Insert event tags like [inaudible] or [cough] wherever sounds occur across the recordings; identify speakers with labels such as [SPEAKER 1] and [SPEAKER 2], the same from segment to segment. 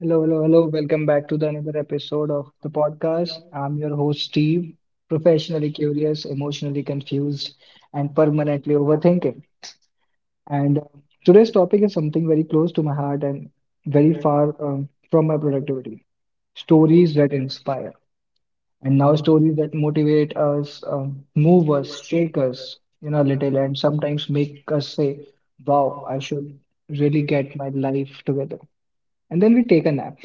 [SPEAKER 1] Hello, hello, hello. Welcome back to the another episode of the podcast. I'm your host, Steve, professionally curious, emotionally confused, and permanently overthinking. And Today's topic is something very close to my heart and very far from my productivity. Stories that inspire, and now stories that motivate us, move us, shake us a little, and sometimes make us say, "Wow, I should really get my life together." And then we take a nap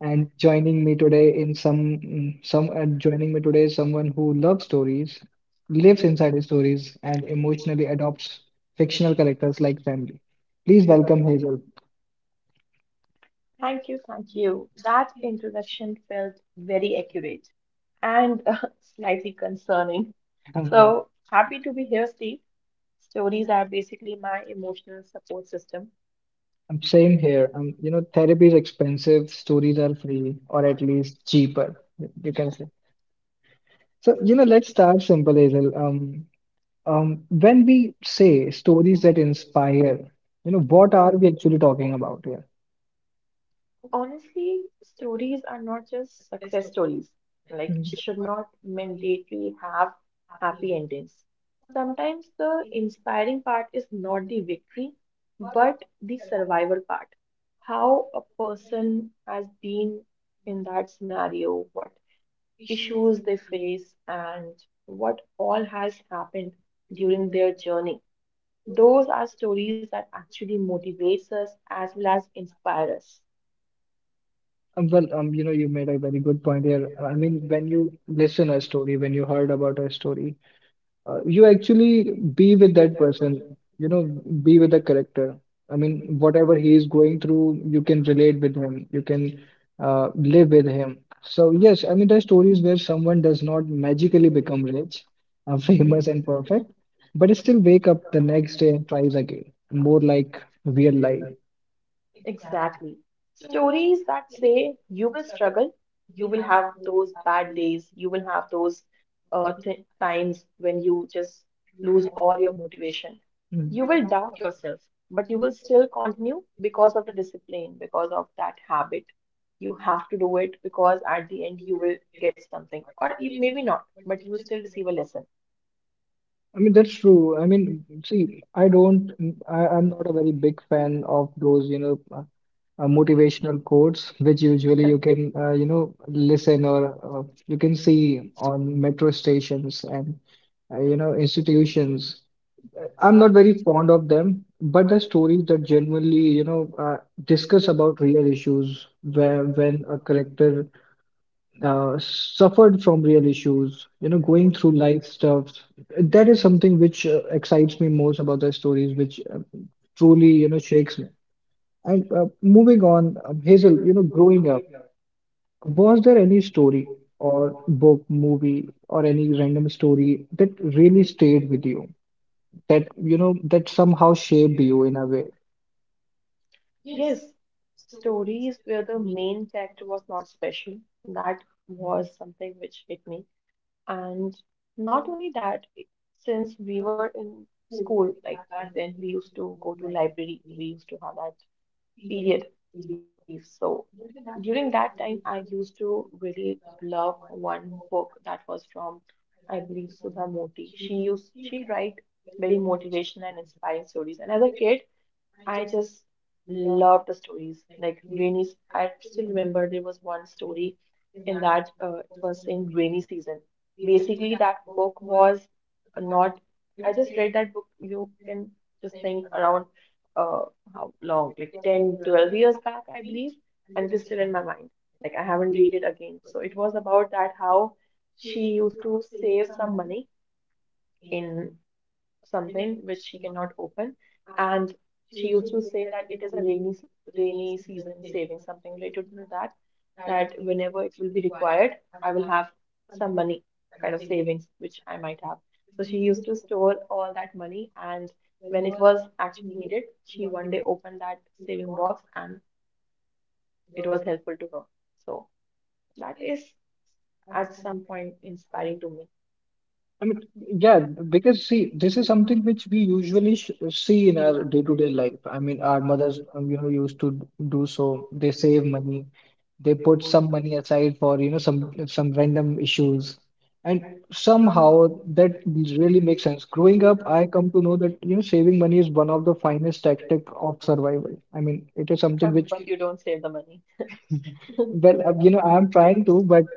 [SPEAKER 1] and joining me today is someone who loves stories, lives inside his stories, and emotionally adopts fictional characters like family. Please welcome Hazel.
[SPEAKER 2] Thank you, thank you. That introduction felt very accurate and [laughs] slightly concerning.
[SPEAKER 1] All right.
[SPEAKER 2] So happy to be here, Steve. Stories are basically my emotional support system.
[SPEAKER 1] I'm same here. Therapy is expensive, stories are free, or at least cheaper, you can say. So, let's start simple, Hazel. When we say stories that inspire, what are we actually talking about here?
[SPEAKER 2] Honestly, stories are not just success stories. Like,
[SPEAKER 1] Mhm.
[SPEAKER 2] it should not mandatorily have happy endings. Sometimes the inspiring part is not the victory, but the survival part. How a person has been in that scenario, what issues they face, and what all has happened during their journey. Those are stories that actually motivates us as well as inspire us.
[SPEAKER 1] Well, you made a very good point here. I mean, when you listen a story, when you heard about a story, you actually be with that person, you know, be with the character. I mean, whatever he is going through, you can relate with him, you can live with him. So, yes, I mean, there are stories where someone does not magically become rich, [laughs] famous, and perfect, but still wake up the next day and tries again, more like real life.
[SPEAKER 2] Exactly. Stories that say you will struggle, you will have those bad days, you will have those th times when you just lose all your motivation.
[SPEAKER 1] Mm.
[SPEAKER 2] You will doubt yourself, but you will still continue because of the discipline, because of that habit. You have to do it because at the end you will get something, or maybe not, but you will still receive a lesson.
[SPEAKER 1] I mean, that's true. I mean, see, I'm not a very big fan of those, motivational quotes, which usually you can listen or you can see on metro stations and institutions. I'm not very fond of them, but the stories that genuinely, discuss about real issues where when a character suffered from real issues, going through life stuff. That is something which excites me most about the stories, which uh, truly, shakes me. And moving on, Hazel, growing up, was there any story or book, movie, or any random story that really stayed with you, that somehow shaped you in a way?
[SPEAKER 2] Yes, stories where the main character was not special, that was something which hit me. And not only that, since we were in school like that, then we used to go to library. We used to have that period leave. So during that time, I used to really love one book that was from, I believe, Sudha Moti. She used she write very motivational and inspiring stories. And as a kid, I just love the stories. Like rainy, I still remember there was one story in that it was in rainy season. Basically, that book was not. I just read that book. You can just think around uh, how long, like 10, 12 years back, I believe, and it is still in my mind. Like I haven't read it again. So it was about that how she used to save some money in something which she cannot open. And she used to say that it is a rainy season saving, something related to that, that whenever it will be required, I will have some money kind of savings which I might have. So she used to store all that money, and when it was actually needed, she one day opened that saving box, and it was helpful to her. So that is at some point inspiring to me.
[SPEAKER 3] I mean, yeah, because see, this is something which we usually sh see in our day-to-day life. I mean, our mothers, used to do so. They save money, they put some money aside for, some random issues, and somehow that really makes sense. Growing up, I come to know that, saving money is one of the finest tactic of survival. I mean, it is
[SPEAKER 2] [laughs]
[SPEAKER 3] something which,
[SPEAKER 2] But you don't save the money.
[SPEAKER 3] well, I'm trying to, but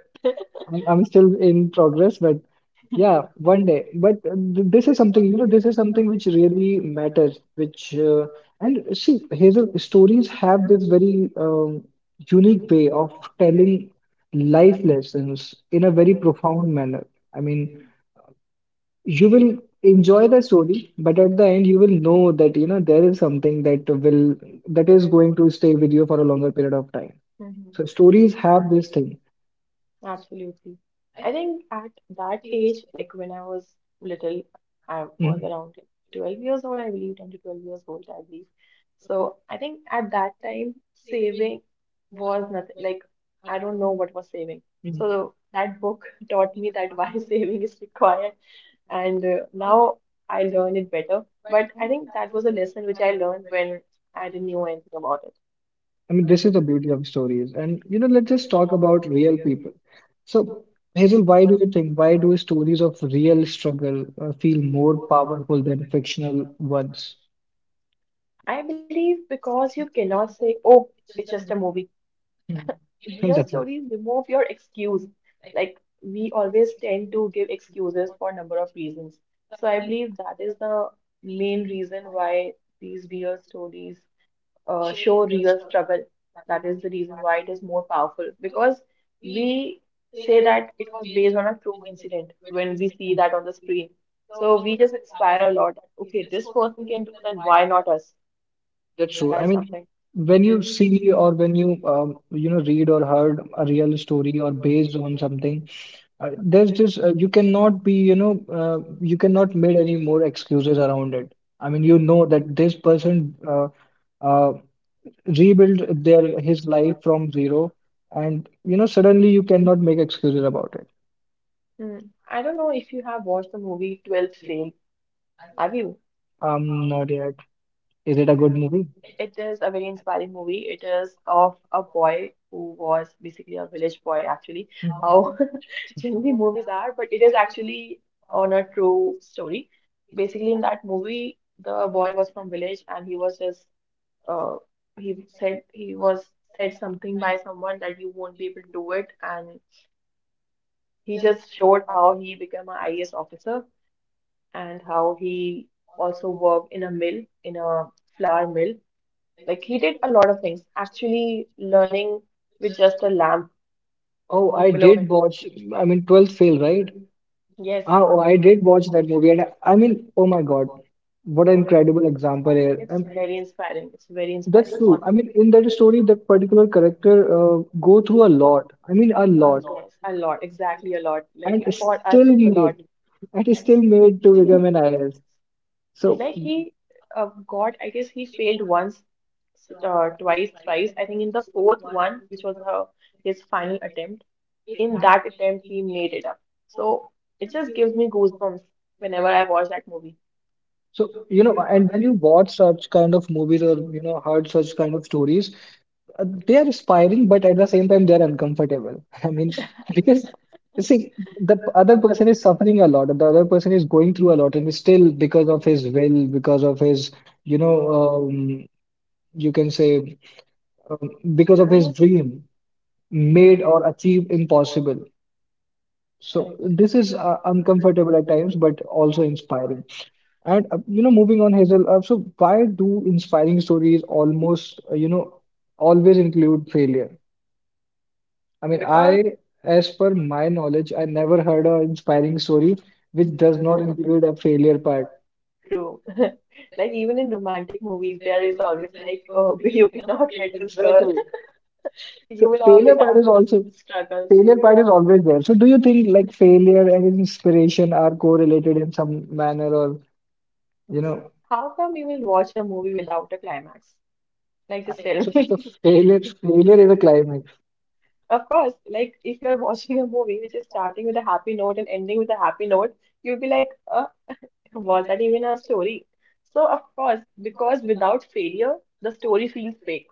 [SPEAKER 3] I'm still in progress. But yeah, one day. But this is something, this is something which really matters, and see, Hazel, stories have this very unique way of telling life lessons in a very profound manner. I mean, you will enjoy the story, but at the end, you will know that, there is something that that is going to stay with you for a longer period of time. So stories have this thing.
[SPEAKER 2] Absolutely. I think at that age, like when I was little, I was around like 12 years old, I believe, 10 to 12 years old, I believe. So I think at that time, saving was nothing. Like, I don't know what was saving.
[SPEAKER 3] Mhm.
[SPEAKER 2] So that book [laughs] taught me that why [laughs] saving is required. And now I learn it better. But I think that was a lesson which I learned when I didn't know anything about it.
[SPEAKER 3] I mean, this is the beauty of stories. Let's just talk about real people. So, Hazel, why do stories of real struggle feel more powerful than fictional ones?
[SPEAKER 2] I believe because you cannot say, oh, it's just a movie.
[SPEAKER 3] Hmm. [laughs]
[SPEAKER 2] Real
[SPEAKER 3] That's it.
[SPEAKER 2] stories remove your excuse. Like we always tend to give excuses for a number of reasons. So I believe that is the main reason why these real stories show real struggle. That is the reason why it is more powerful because we say that it was based on a true incident when we see that on the screen. So we just inspire a lot that, okay, this person can do that, why not us?
[SPEAKER 3] That's true. I
[SPEAKER 2] That's
[SPEAKER 3] mean,
[SPEAKER 2] something.
[SPEAKER 3] when you see or when you you know read or heard a real story or based on something, there's this you cannot be you know you cannot make any more excuses around it. I mean, you know that this person uh, rebuild their his life from zero, and suddenly you cannot make excuses about it.
[SPEAKER 2] Hmm. I don't know if you have watched the movie 12th Fail. Have you?
[SPEAKER 3] Not yet. Is it a good movie?
[SPEAKER 2] It is a very inspiring movie. It is of a boy who was basically a village boy, actually,
[SPEAKER 3] Hmm.
[SPEAKER 2] how [laughs] generally movies are, but it is actually on a true story. Basically, in that movie, the boy was from village and he was just uh he said he was said something by someone that you won't be able to do it, and he just showed how he became an IAS officer and how he also worked in a mill, in a flour mill, like he did a lot of things, actually learning with just a lamp.
[SPEAKER 3] Oh,
[SPEAKER 2] Oh,
[SPEAKER 3] I
[SPEAKER 2] below
[SPEAKER 3] did
[SPEAKER 2] okay, him.
[SPEAKER 3] watch, I mean, 12th Fail, right?
[SPEAKER 2] Right. Yes,
[SPEAKER 3] Ah, oh, I did watch that movie, and I mean, oh my God, what an
[SPEAKER 2] what an
[SPEAKER 3] incredible example
[SPEAKER 2] example.
[SPEAKER 3] here.
[SPEAKER 2] It's
[SPEAKER 3] And
[SPEAKER 2] very inspiring. It's very inspiring,
[SPEAKER 3] that's true. I
[SPEAKER 2] Honestly.
[SPEAKER 3] mean, in that story that particular character go through a lot, I mean, a
[SPEAKER 2] Yes, a
[SPEAKER 3] lot.
[SPEAKER 2] lot, a lot, exactly a lot. Like
[SPEAKER 3] and
[SPEAKER 2] I
[SPEAKER 3] is
[SPEAKER 2] for us,
[SPEAKER 3] still
[SPEAKER 2] it's a
[SPEAKER 3] made
[SPEAKER 2] lot.
[SPEAKER 3] and is still made to become an IS. So
[SPEAKER 2] Like he got, I guess he failed once, twice, thrice. I think in the fourth one, which was her, his final attempt, in that attempt he made it up. So it just gives me goosebumps whenever I watch that movie.
[SPEAKER 3] So, and when you watch such kind of movies, or, heard such kind of stories, they are inspiring, but at the same time, they are uncomfortable. [laughs] I mean, because you see, the other person is
[SPEAKER 2] Hmm.
[SPEAKER 3] suffering a lot, the other person is going through a lot, and still, because of his will, because of his, you know, you can say, um, because of
[SPEAKER 2] Even
[SPEAKER 3] his
[SPEAKER 2] is hmm.
[SPEAKER 3] dream, made or achieved impossible. So,
[SPEAKER 2] Correct.
[SPEAKER 3] this is uncomfortable at times, but also inspiring. And moving on, Hazel, so why do inspiring stories almost, always include failure? I mean,
[SPEAKER 2] Because
[SPEAKER 3] I, as per my knowledge, I never heard an inspiring story which does not include a failure part.
[SPEAKER 2] true. [laughs] Like even in romantic movies, there is always
[SPEAKER 3] Exactly.
[SPEAKER 2] like, oh, [laughs] you cannot get this girl. [laughs] You
[SPEAKER 3] So
[SPEAKER 2] will always
[SPEAKER 3] failure
[SPEAKER 2] have those struggles.
[SPEAKER 3] part is always there. So do you think like failure and inspiration are correlated in some manner, or you know,
[SPEAKER 2] How come you will watch a movie without a climax? Like just tell
[SPEAKER 3] so,
[SPEAKER 2] me.
[SPEAKER 3] failure is a climax.
[SPEAKER 2] [laughs] Of course, like if you're watching a movie which is starting with a happy note and ending with a happy note, you'll be like, was that even a story? So of course, because without failure, the story feels fake.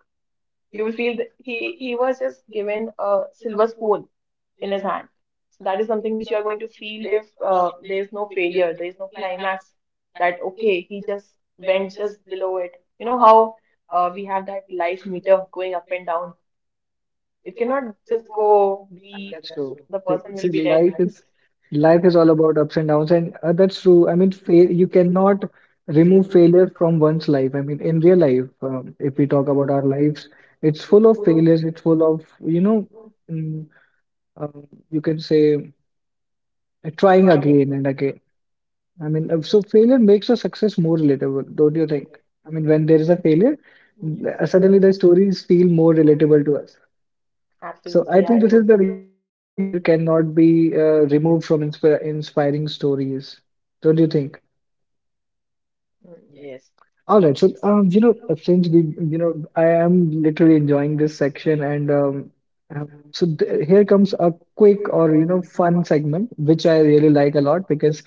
[SPEAKER 2] You will feel that he was just given a silver spoon in his hand. So that is something which you are going to feel if there is no failure, there is no climax. That okay, he just went just below it. You know how we have that life meter going up and down. It cannot just go
[SPEAKER 3] And
[SPEAKER 2] be
[SPEAKER 3] that's true.
[SPEAKER 2] the
[SPEAKER 3] See,
[SPEAKER 2] person will be
[SPEAKER 3] see,
[SPEAKER 2] dead.
[SPEAKER 3] life is all about ups and downs, and that's true. I mean, fail, you cannot remove failure from one's life. I mean, in real life, if we talk about our lives, it's full of failures. It's full of, mm, you can say trying again and again. I mean, so failure makes a success more relatable, don't you think? I mean, when there is a failure, suddenly the stories feel more relatable to us. So
[SPEAKER 2] Absolutely,
[SPEAKER 3] I
[SPEAKER 2] I
[SPEAKER 3] think this is the
[SPEAKER 2] totally
[SPEAKER 3] reason
[SPEAKER 2] agree.
[SPEAKER 3] why failure cannot be removed from inspiring stories. Don't you think?
[SPEAKER 2] Mm, yes.
[SPEAKER 3] All right. So since I am literally enjoying this section, and uh, so th here comes a quick, or you know, fun segment, which I really like a lot because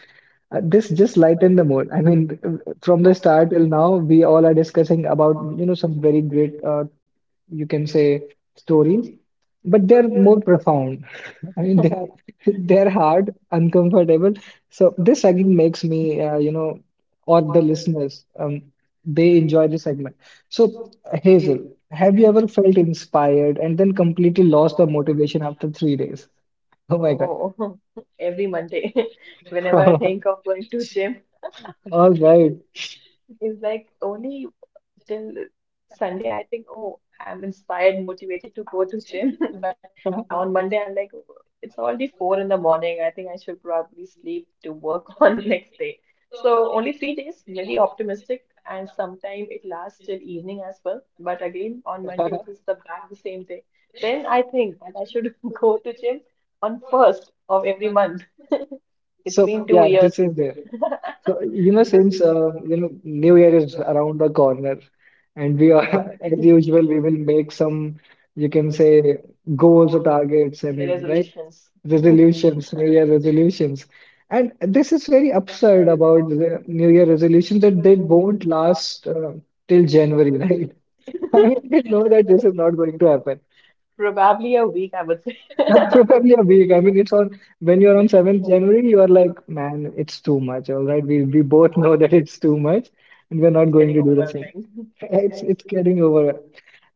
[SPEAKER 3] this just lighten the mood. I mean, from the start till now, we all are discussing about you know some very great, you can say, stories, but they're more profound. [laughs] I mean, they are [laughs] they're hard, uncomfortable. So this segment makes me, or the listeners, they enjoy this segment. So Hazel, have you ever felt inspired and then completely lost the motivation after 3 days? [laughs] Oh my God.
[SPEAKER 2] Oh, [laughs] every Monday, [laughs] whenever I
[SPEAKER 3] [laughs]
[SPEAKER 2] think of going to gym,
[SPEAKER 3] All right.
[SPEAKER 2] it's like only till Sunday I think, oh, I'm inspired, motivated to go to gym. [laughs] But
[SPEAKER 3] [laughs]
[SPEAKER 2] on Monday, I'm like, "Oh, it's already four in the morning. I think I should probably sleep to work [laughs] on next day." So only 3 days, very optimistic, and sometime it lasts till evening as well. But again, on Monday it is the back the same day. Then I think that I should [laughs] go to gym on first of every month. It's
[SPEAKER 3] So
[SPEAKER 2] been two
[SPEAKER 3] yeah, this
[SPEAKER 2] years.
[SPEAKER 3] is there. So, you know, since New Year is around the corner, and we are, [laughs] as usual, we will make some, you can say, goals or
[SPEAKER 2] [laughs]
[SPEAKER 3] targets. I mean, right?
[SPEAKER 2] Resolutions.
[SPEAKER 3] Resolutions, New Year resolutions, and this is very absurd about the New Year resolutions that they won't last till January, [laughs] right? I mean, we know that this is not going to happen.
[SPEAKER 2] Probably a week, I would say. [laughs]
[SPEAKER 3] That's [laughs] probably a week. I mean, it's on when you're on January 7th, you are like, man, it's too much. All right. We both [laughs] know that it's too much and we're not
[SPEAKER 2] It's
[SPEAKER 3] going
[SPEAKER 2] getting
[SPEAKER 3] to do the same.
[SPEAKER 2] overwhelming.
[SPEAKER 3] [laughs] It's getting over.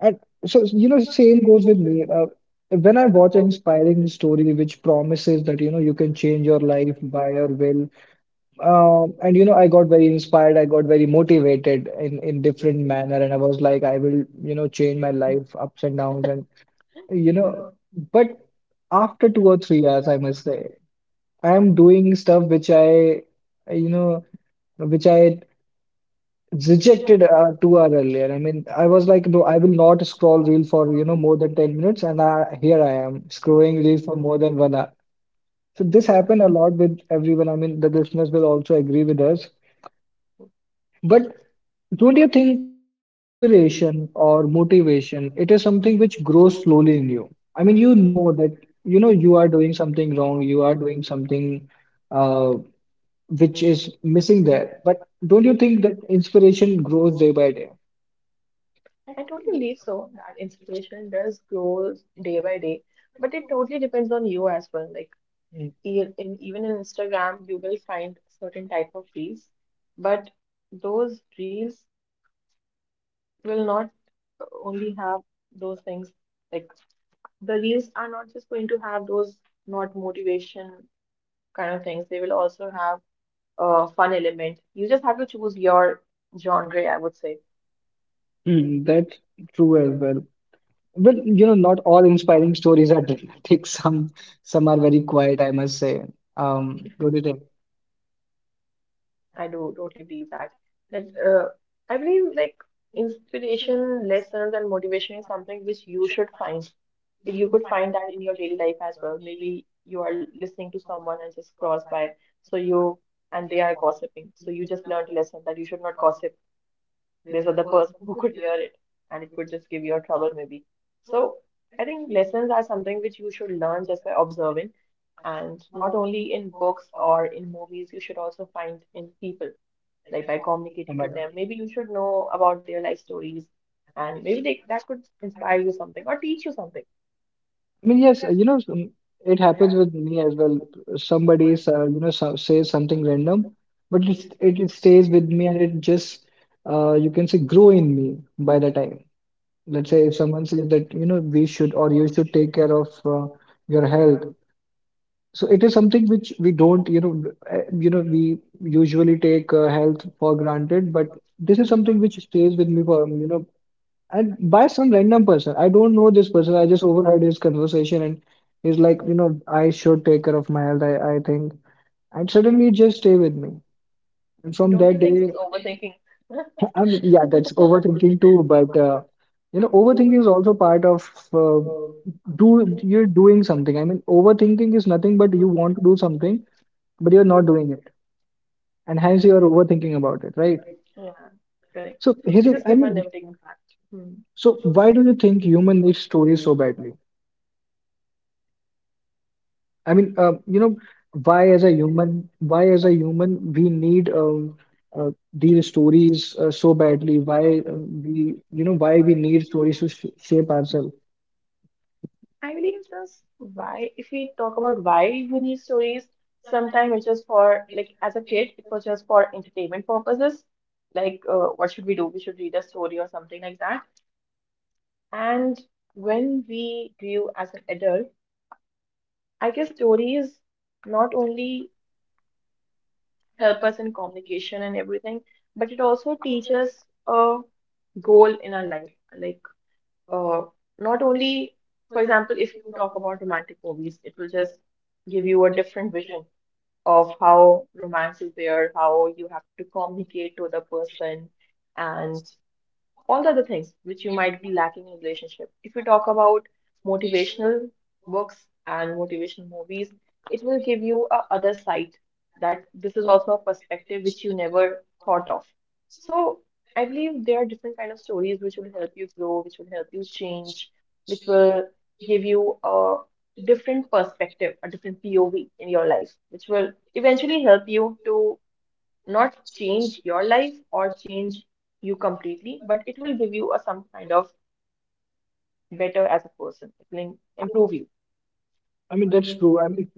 [SPEAKER 3] And so, you know, same goes with me. When I watch an inspiring story which promises that, you know, you can change your life by your will, I got very inspired, I got very motivated in different manner, and I was like, I will, you know, change my life ups and downs, and you know, but after 2 or 3 hours, I must say, I am doing stuff which you know, I rejected 2 hours earlier. I mean, I was like, no, I will not scroll reel for, you know, more than 10 minutes. And I, here I am scrolling reel for more than 1 hour. So this happened a lot with everyone. I mean, the listeners will also agree with us. But don't you think inspiration or motivation, it is something which grows slowly in you? I mean, you know that, you know, you are doing something wrong, you are doing something uh, which is missing there. But don't you think that inspiration grows day by day?
[SPEAKER 2] I totally believe so. That inspiration does grow day by day, but it totally depends on you as well. Like
[SPEAKER 3] Mm.
[SPEAKER 2] e- in even in Instagram, you will find certain type of reels, but those reels will not only have those things. Like the reels are not just going to have those not motivation kind of things. They will also have fun element. You just have to choose your genre, I would say.
[SPEAKER 3] Mm, that's true as well. Well, you know, not all inspiring stories are dramatic. [laughs] Some are very quiet, I must say. Don't you think?
[SPEAKER 2] I do totally believe that. That I believe like inspiration, lessons, and motivation is something which you should find. If you could find that in your daily life as well. Maybe you are listening to someone and just cross by, so you and they are gossiping. So you just learned a lesson that you should not gossip this other person who could hear it and it could just give you a trouble, maybe. So I think lessons are something which you should learn just by observing, and not only in books or in movies, you should also find in people, like by
[SPEAKER 3] Oh
[SPEAKER 2] communicating
[SPEAKER 3] my
[SPEAKER 2] to
[SPEAKER 3] God.
[SPEAKER 2] them, maybe you should know about their life stories, and maybe they, that could inspire you something or teach you something.
[SPEAKER 3] I mean, yes, you know, it happens with me as well. Somebody is, says something random, but it stays with me, and it just, you can say, grow in me by the time. Let's say if someone says that you know we should, or you should take care of your health. So it is something which we don't you know we usually take health for granted. But this is something which stays with me for you know, and by some random person. I don't know this person, I just overheard his conversation, and he's like, you know, I should take care of my health, I think. And suddenly it just stay with me, and from
[SPEAKER 2] Don't you
[SPEAKER 3] that
[SPEAKER 2] think
[SPEAKER 3] day.
[SPEAKER 2] it's overthinking?
[SPEAKER 3] I mean, yeah, that's overthinking too, but
[SPEAKER 2] [laughs]
[SPEAKER 3] you know, overthinking is also part of do you're doing something. I mean, overthinking is nothing but you want to do something, but you're not doing it, and hence you're overthinking about it, right?
[SPEAKER 2] Yeah, correct.
[SPEAKER 3] So
[SPEAKER 2] It just
[SPEAKER 3] I
[SPEAKER 2] give a
[SPEAKER 3] mean,
[SPEAKER 2] limiting impact. Hmm.
[SPEAKER 3] so why do you think human needs stories so badly? I mean, why as a human we need these stories so badly? Why we need stories to sh shape ourselves?
[SPEAKER 2] I believe this why, if we talk about why we need stories, sometimes it's just for, like, as a kid, it was just for entertainment purposes. Like, what should we do? We should read a story or something like that. And when we grew as an adult, I guess stories not only help us in communication and everything, but it also teaches a goal in our life. Like, uh, not only, for example, if you talk about romantic movies, it will just give you a different vision of how romance is there, how you have to communicate to the person, and all the other things which you might be lacking in relationship. If we talk about motivational books and motivational movies, it will give you a other side, that this is also a perspective which you never thought of. So I believe there are different kind of stories which will help you grow, which will help you change, which will give you a different perspective, a different POV in your life, which will eventually help you to not change your life or change you completely, but it will give you a some kind of better as a person. It will improve you.
[SPEAKER 3] I mean, that's true. I mean,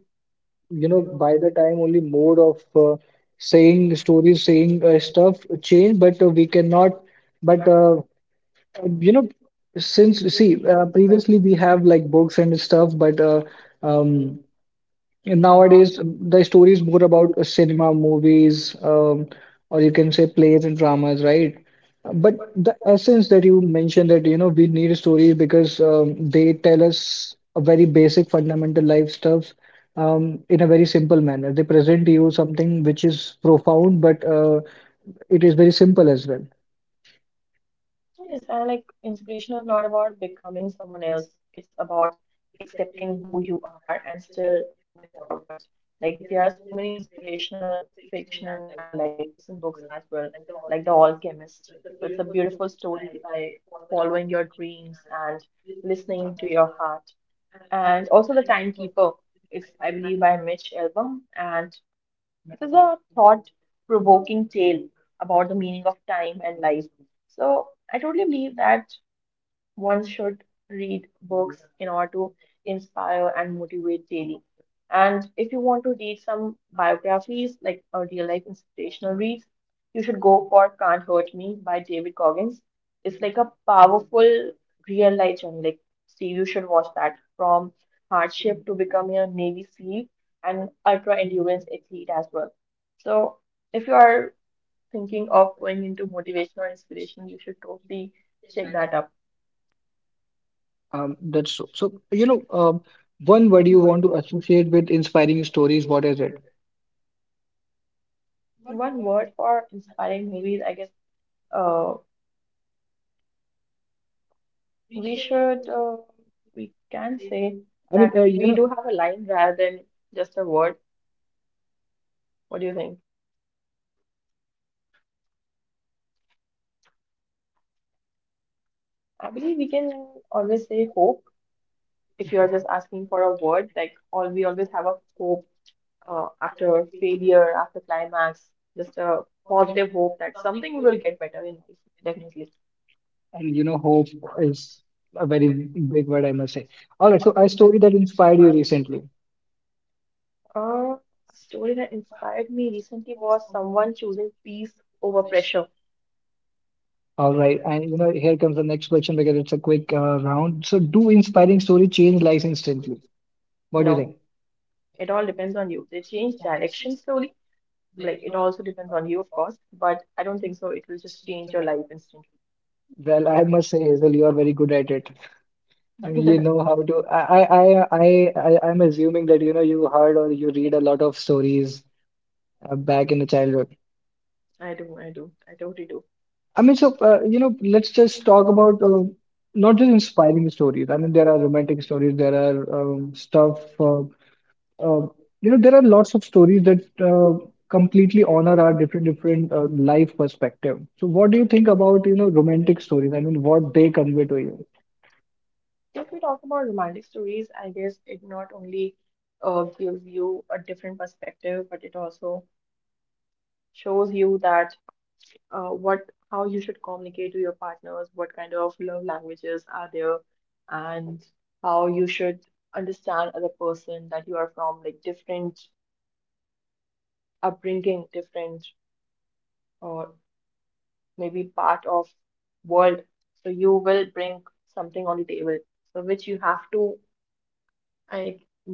[SPEAKER 3] you know by the time only mode of saying stories, saying stuff change, but we cannot, but you know since, see, previously we have like books and stuff, but um and nowadays, the story is more about cinema, movies, or you can say plays and dramas, right? But the essence that you mentioned that you know we need stories because they tell us a very basic fundamental life stuff in a very simple manner. They present you something which is profound, but it is very simple as well.
[SPEAKER 2] So yes, I like inspiration is not about becoming someone else. It's about accepting who you are and still moving forward. Like there are so many inspirational fiction and life lesson books as well, like The Alchemist. So it's a beautiful story by following your dreams and listening to your heart. And also The Timekeeper is, I believe, by Mitch Albom, and this is a thought-provoking tale about the meaning of time and life. So I totally believe that one should read books in order to inspire and motivate daily. And if you want to read some biographies, like a real life inspirational reads, you should go for Can't Hurt Me by David Goggins. It's like a powerful real life journey. Like, see, you should watch that from hardship to becoming a Navy SEAL and ultra endurance athlete as well. So, if you are thinking of going into motivation or inspiration, you should totally check that up.
[SPEAKER 3] That's so. So you know, one word you want to associate with inspiring stories, what is it?
[SPEAKER 2] One word for inspiring movies, I guess uh, we should we can say
[SPEAKER 3] I mean,
[SPEAKER 2] that we do have a line rather than just a word. What do you think? I believe we can always say hope if you are just asking for a word. Like all we always have a hope after failure, after climax, just a positive hope that something will get better in life, definitely.
[SPEAKER 3] And you know, hope is a very big word, I must say. All right, so a story that inspired you recently.
[SPEAKER 2] Uh, a story that inspired me recently was someone choosing peace over pressure.
[SPEAKER 3] All right, and you know, here comes the next question because it's a quick round. So, do inspiring story change lives instantly? What do you think?
[SPEAKER 2] No. It all depends on you. They change direction slowly. Like it also depends on you, of course, but I don't think so. It will just change your life instantly.
[SPEAKER 3] Well, I must say, Hazel, you are very good at it. I mean, you know how
[SPEAKER 2] [laughs]
[SPEAKER 3] to. I'm assuming that you know you heard or you read a lot of stories back in the childhood.
[SPEAKER 2] I do, I totally do.
[SPEAKER 3] Let's just talk about not just inspiring stories. I mean, there are romantic stories, there are stuff, uh, there are lots of stories that completely honor our different life perspective. So, what do you think about, you know, romantic stories? I mean, what they convey to you?
[SPEAKER 2] If we talk about romantic stories, I guess it not only gives you a different perspective, but it also shows you that what how you should communicate to your partners, what kind of love languages are there, and how you should understand other person that you are from like different upbringing, different or maybe part of world, so you will bring something on the table, so which you have to, I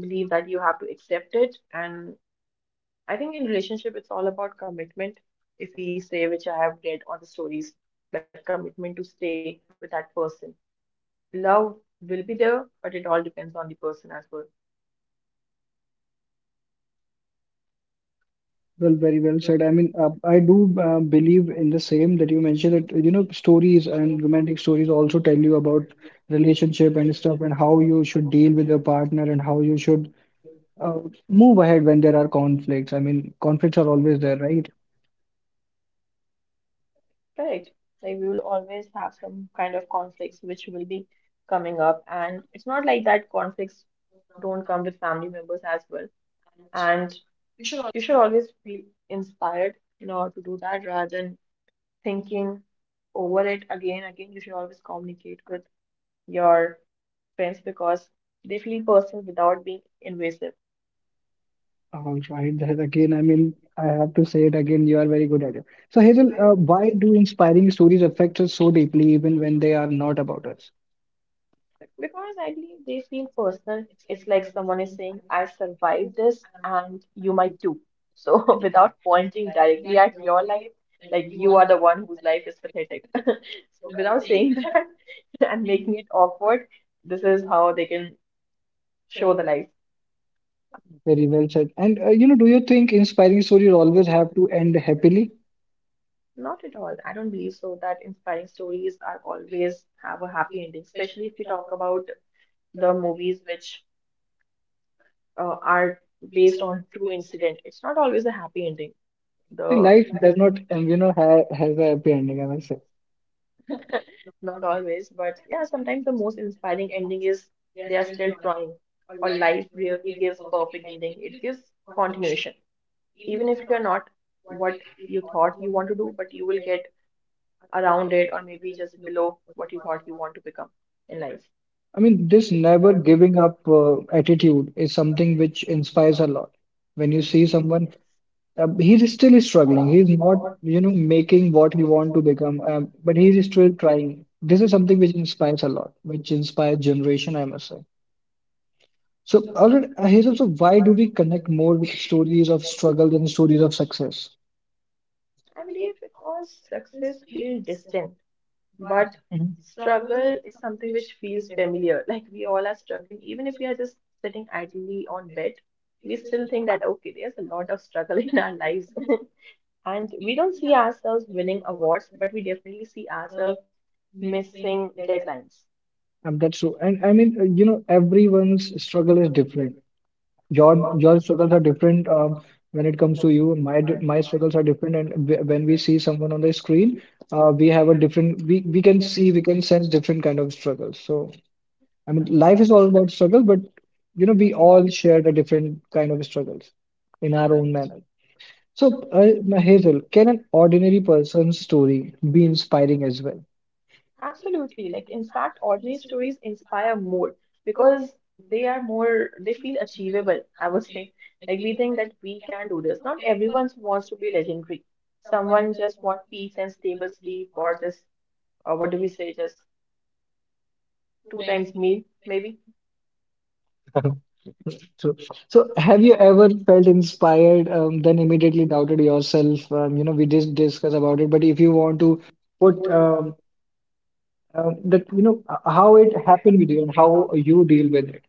[SPEAKER 2] believe that you have to accept it. And I think in relationship it's all about commitment, if we say which I have read on the stories, that commitment to stay with that person, love will be there, but it all depends on the person as well.
[SPEAKER 3] Well, very well said. I mean, I do believe in the same that you mentioned that, you know, stories and romantic stories also tell you about relationship and stuff and how you should deal with your partner and how you should uh, move ahead when there are conflicts. I mean, conflicts are always there, right?
[SPEAKER 2] Correct. Like we will always have some kind of conflicts which will be coming up, and it's not like that conflicts don't come with family members as well. And you should always feel inspired in order to do that rather than thinking over it again again. You should always communicate with your friends because they feel personal without being invasive.
[SPEAKER 3] All right, that again, I mean, I have to say it again, you are very good at it. So, Hazel, why do inspiring stories affect us so deeply, even when they are not about us?
[SPEAKER 2] Because I believe they feel personal. It's like someone is saying, I survived this and you might too. So [laughs] without pointing directly at your life, like you are the one whose life is pathetic. [laughs] So without saying that [laughs] and making it awkward, this is how they can show the light.
[SPEAKER 3] Very well said. And, you know, do you think inspiring stories always have to end happily?
[SPEAKER 2] Not at all. I don't believe so that inspiring stories are always have a happy ending, especially if we talk about the movies which are based on true incident. It's not always a happy ending.
[SPEAKER 3] See,
[SPEAKER 2] The
[SPEAKER 3] life does not, you know, ha has a happy ending, I must say.
[SPEAKER 2] not always, but yeah, sometimes the most inspiring ending is they are still trying, or life really gives perfect ending. It gives continuation, even if you're not what you thought you want to do, but you will get around it or maybe just below what you thought you want to become in life.
[SPEAKER 3] I mean, this
[SPEAKER 2] Yes.
[SPEAKER 3] never giving up attitude is something which inspires a lot when you see someone. He's still struggling. He's not, you know, making what he want to become, but he's still trying. This is something which inspires a lot, which inspires generation, I must say. So, Arun, here's also why do we connect more with stories of struggle than stories of success?
[SPEAKER 2] I believe because success feels distant, but
[SPEAKER 3] Mhm.
[SPEAKER 2] struggle is something which feels familiar. [laughs] Like we all are struggling, even if we are just sitting idly on bed, we still think that okay, there's a lot of struggle [laughs] in our lives. [laughs] And we don't see ourselves winning awards, but we definitely see ourselves missing deadlines.
[SPEAKER 3] That's true. And I mean, you know, everyone's struggle is different. Your struggles are different when it comes to you, my struggles are different, and w when we see someone on the screen, we have a different, we can see, we can sense different kind of struggles. So I mean life is all about struggle, but you know we all share the different kind of struggles in our own manner. So Hazel, can an ordinary person's story be inspiring as well?
[SPEAKER 2] Absolutely. Like, in fact, ordinary stories inspire more because they are more, they feel achievable, I would say. Like, we think that we can do this. Not everyone wants to be legendary. Someone just want peace and stable sleep, or just, or what do we say, just two times meal, maybe.
[SPEAKER 3] [laughs] True. So, have you ever felt inspired, then immediately doubted yourself? You know, we did discuss about it, but if you want to put that, you know, how it happened with you and how you deal with it,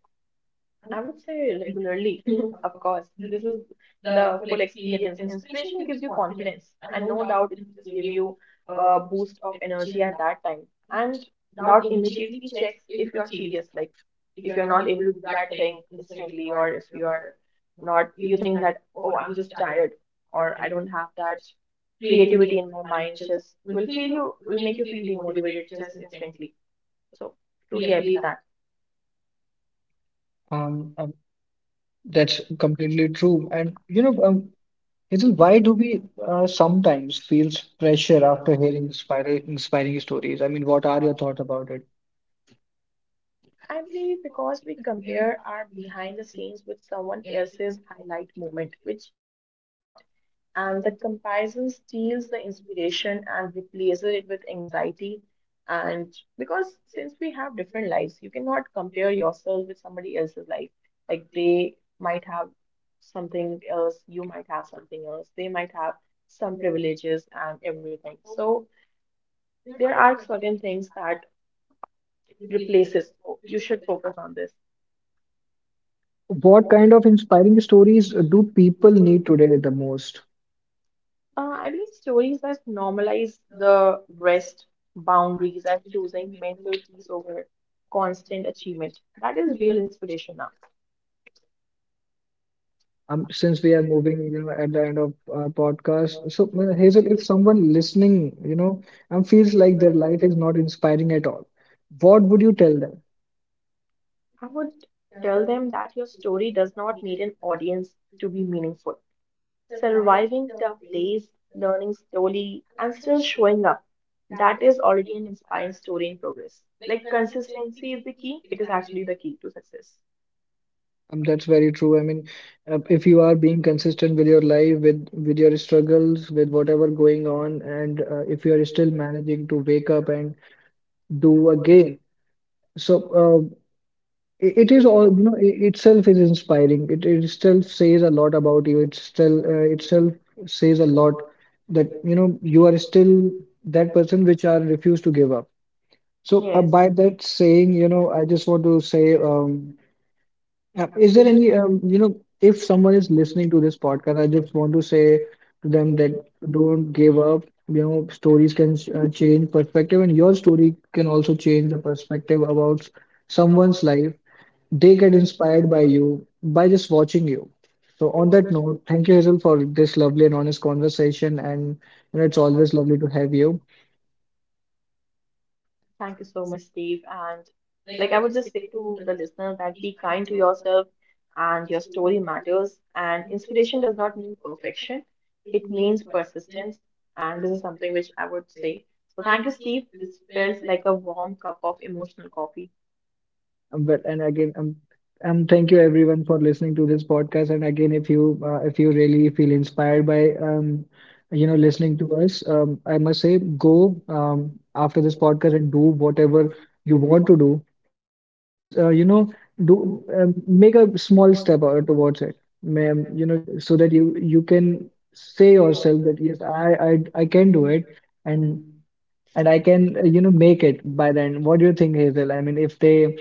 [SPEAKER 2] I would say regularly, [laughs] of course. This is the full experience. Inspiration gives you confidence, and no doubt it just give you a boost of energy at that time. And doubt immediately checks if you're serious, like if you're not able to do that thing instantly, or if you are not, you think that, oh, I'm just tired, or I don't have that creativity in my mind, just will feel you, will make you feel demotivated just instantly. So truly, I believe that.
[SPEAKER 3] um, um, that's completely true. And you know, Hazel, why do we sometimes feels pressure after hearing inspiring stories? I mean, what are your thoughts about it?
[SPEAKER 2] I believe because we compare our behind the scenes with someone else's highlight moment, which we should not. And the comparison steals the inspiration and replaces it with anxiety. And because since we have different lives, you cannot compare yourself with somebody else's life. Like they might have something else, you might have something else, they might have some privileges and everything. So there are certain things that replaces. So you should focus on this.
[SPEAKER 3] What kind of inspiring stories do people need today the most?
[SPEAKER 2] I believe stories that normalize the rest, boundaries, and choosing mental peace over constant achievement. That is real inspiration now.
[SPEAKER 3] Since we are moving, you know, at the end of our podcast, so Hazel, if someone listening, you know, feels like their life is not inspiring at all, what would you tell them?
[SPEAKER 2] I would tell them that your story does not need an audience to be meaningful. Surviving tough days, learning slowly, and still showing up, that is already an inspiring story in progress. Like consistency is the key, it is actually the key to success.
[SPEAKER 3] That's very true. I mean, if you are being consistent with your life, with your struggles, with whatever going on, and if you are still managing to wake up and do again, so it is all, you know, itself is inspiring. It itself says a lot about you. It still itself says a lot that, you know, you are still that person which are refused to give up. So
[SPEAKER 2] Yes.
[SPEAKER 3] by that saying, you know, I just want to say, is there any, you know, if someone is listening to this podcast, I just want to say to them that don't give up. You know, stories can change perspective, and your story can also change the perspective about someone's life. They get inspired by you by just watching you. So on that note, thank you Hazel for this lovely and honest conversation, and you know it's always lovely to have you.
[SPEAKER 2] Thank you so much, Steve. And like I would just say to the listener that be kind to yourself and your story matters. And inspiration does not mean perfection, it means persistence. And this is something which I would say. So thank you, Steve. This felt like a warm cup of emotional coffee.
[SPEAKER 3] Well, and again, thank you everyone for listening to this podcast. And again, if you really feel inspired by you know, listening to us, I must say, go after this podcast and do whatever you want to do, or at least you know, do make a small step out towards it, ma'am. You know, so that you can say yourself that yes, I can do it, and and I can you know make it by then. What do you think, Hazel? I mean, if they,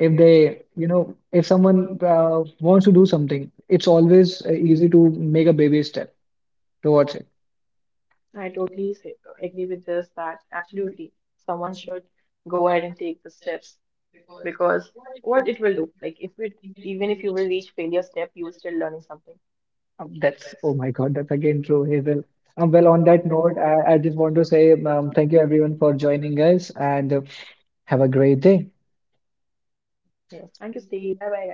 [SPEAKER 3] if they, you know, if someone wants to do something, it's always easy to make a baby step towards it.
[SPEAKER 2] I totally say, agree with this that absolutely someone should go ahead and take the steps because what it will do, like if it even if you will reach failure step, you will still learning something.
[SPEAKER 3] That's, oh my god, that's again true, Hazel. Well, on that note, I just want to say, thank you everyone for joining us, and have a great day.
[SPEAKER 2] Yes, thank you, Steve. Bye bye, guys.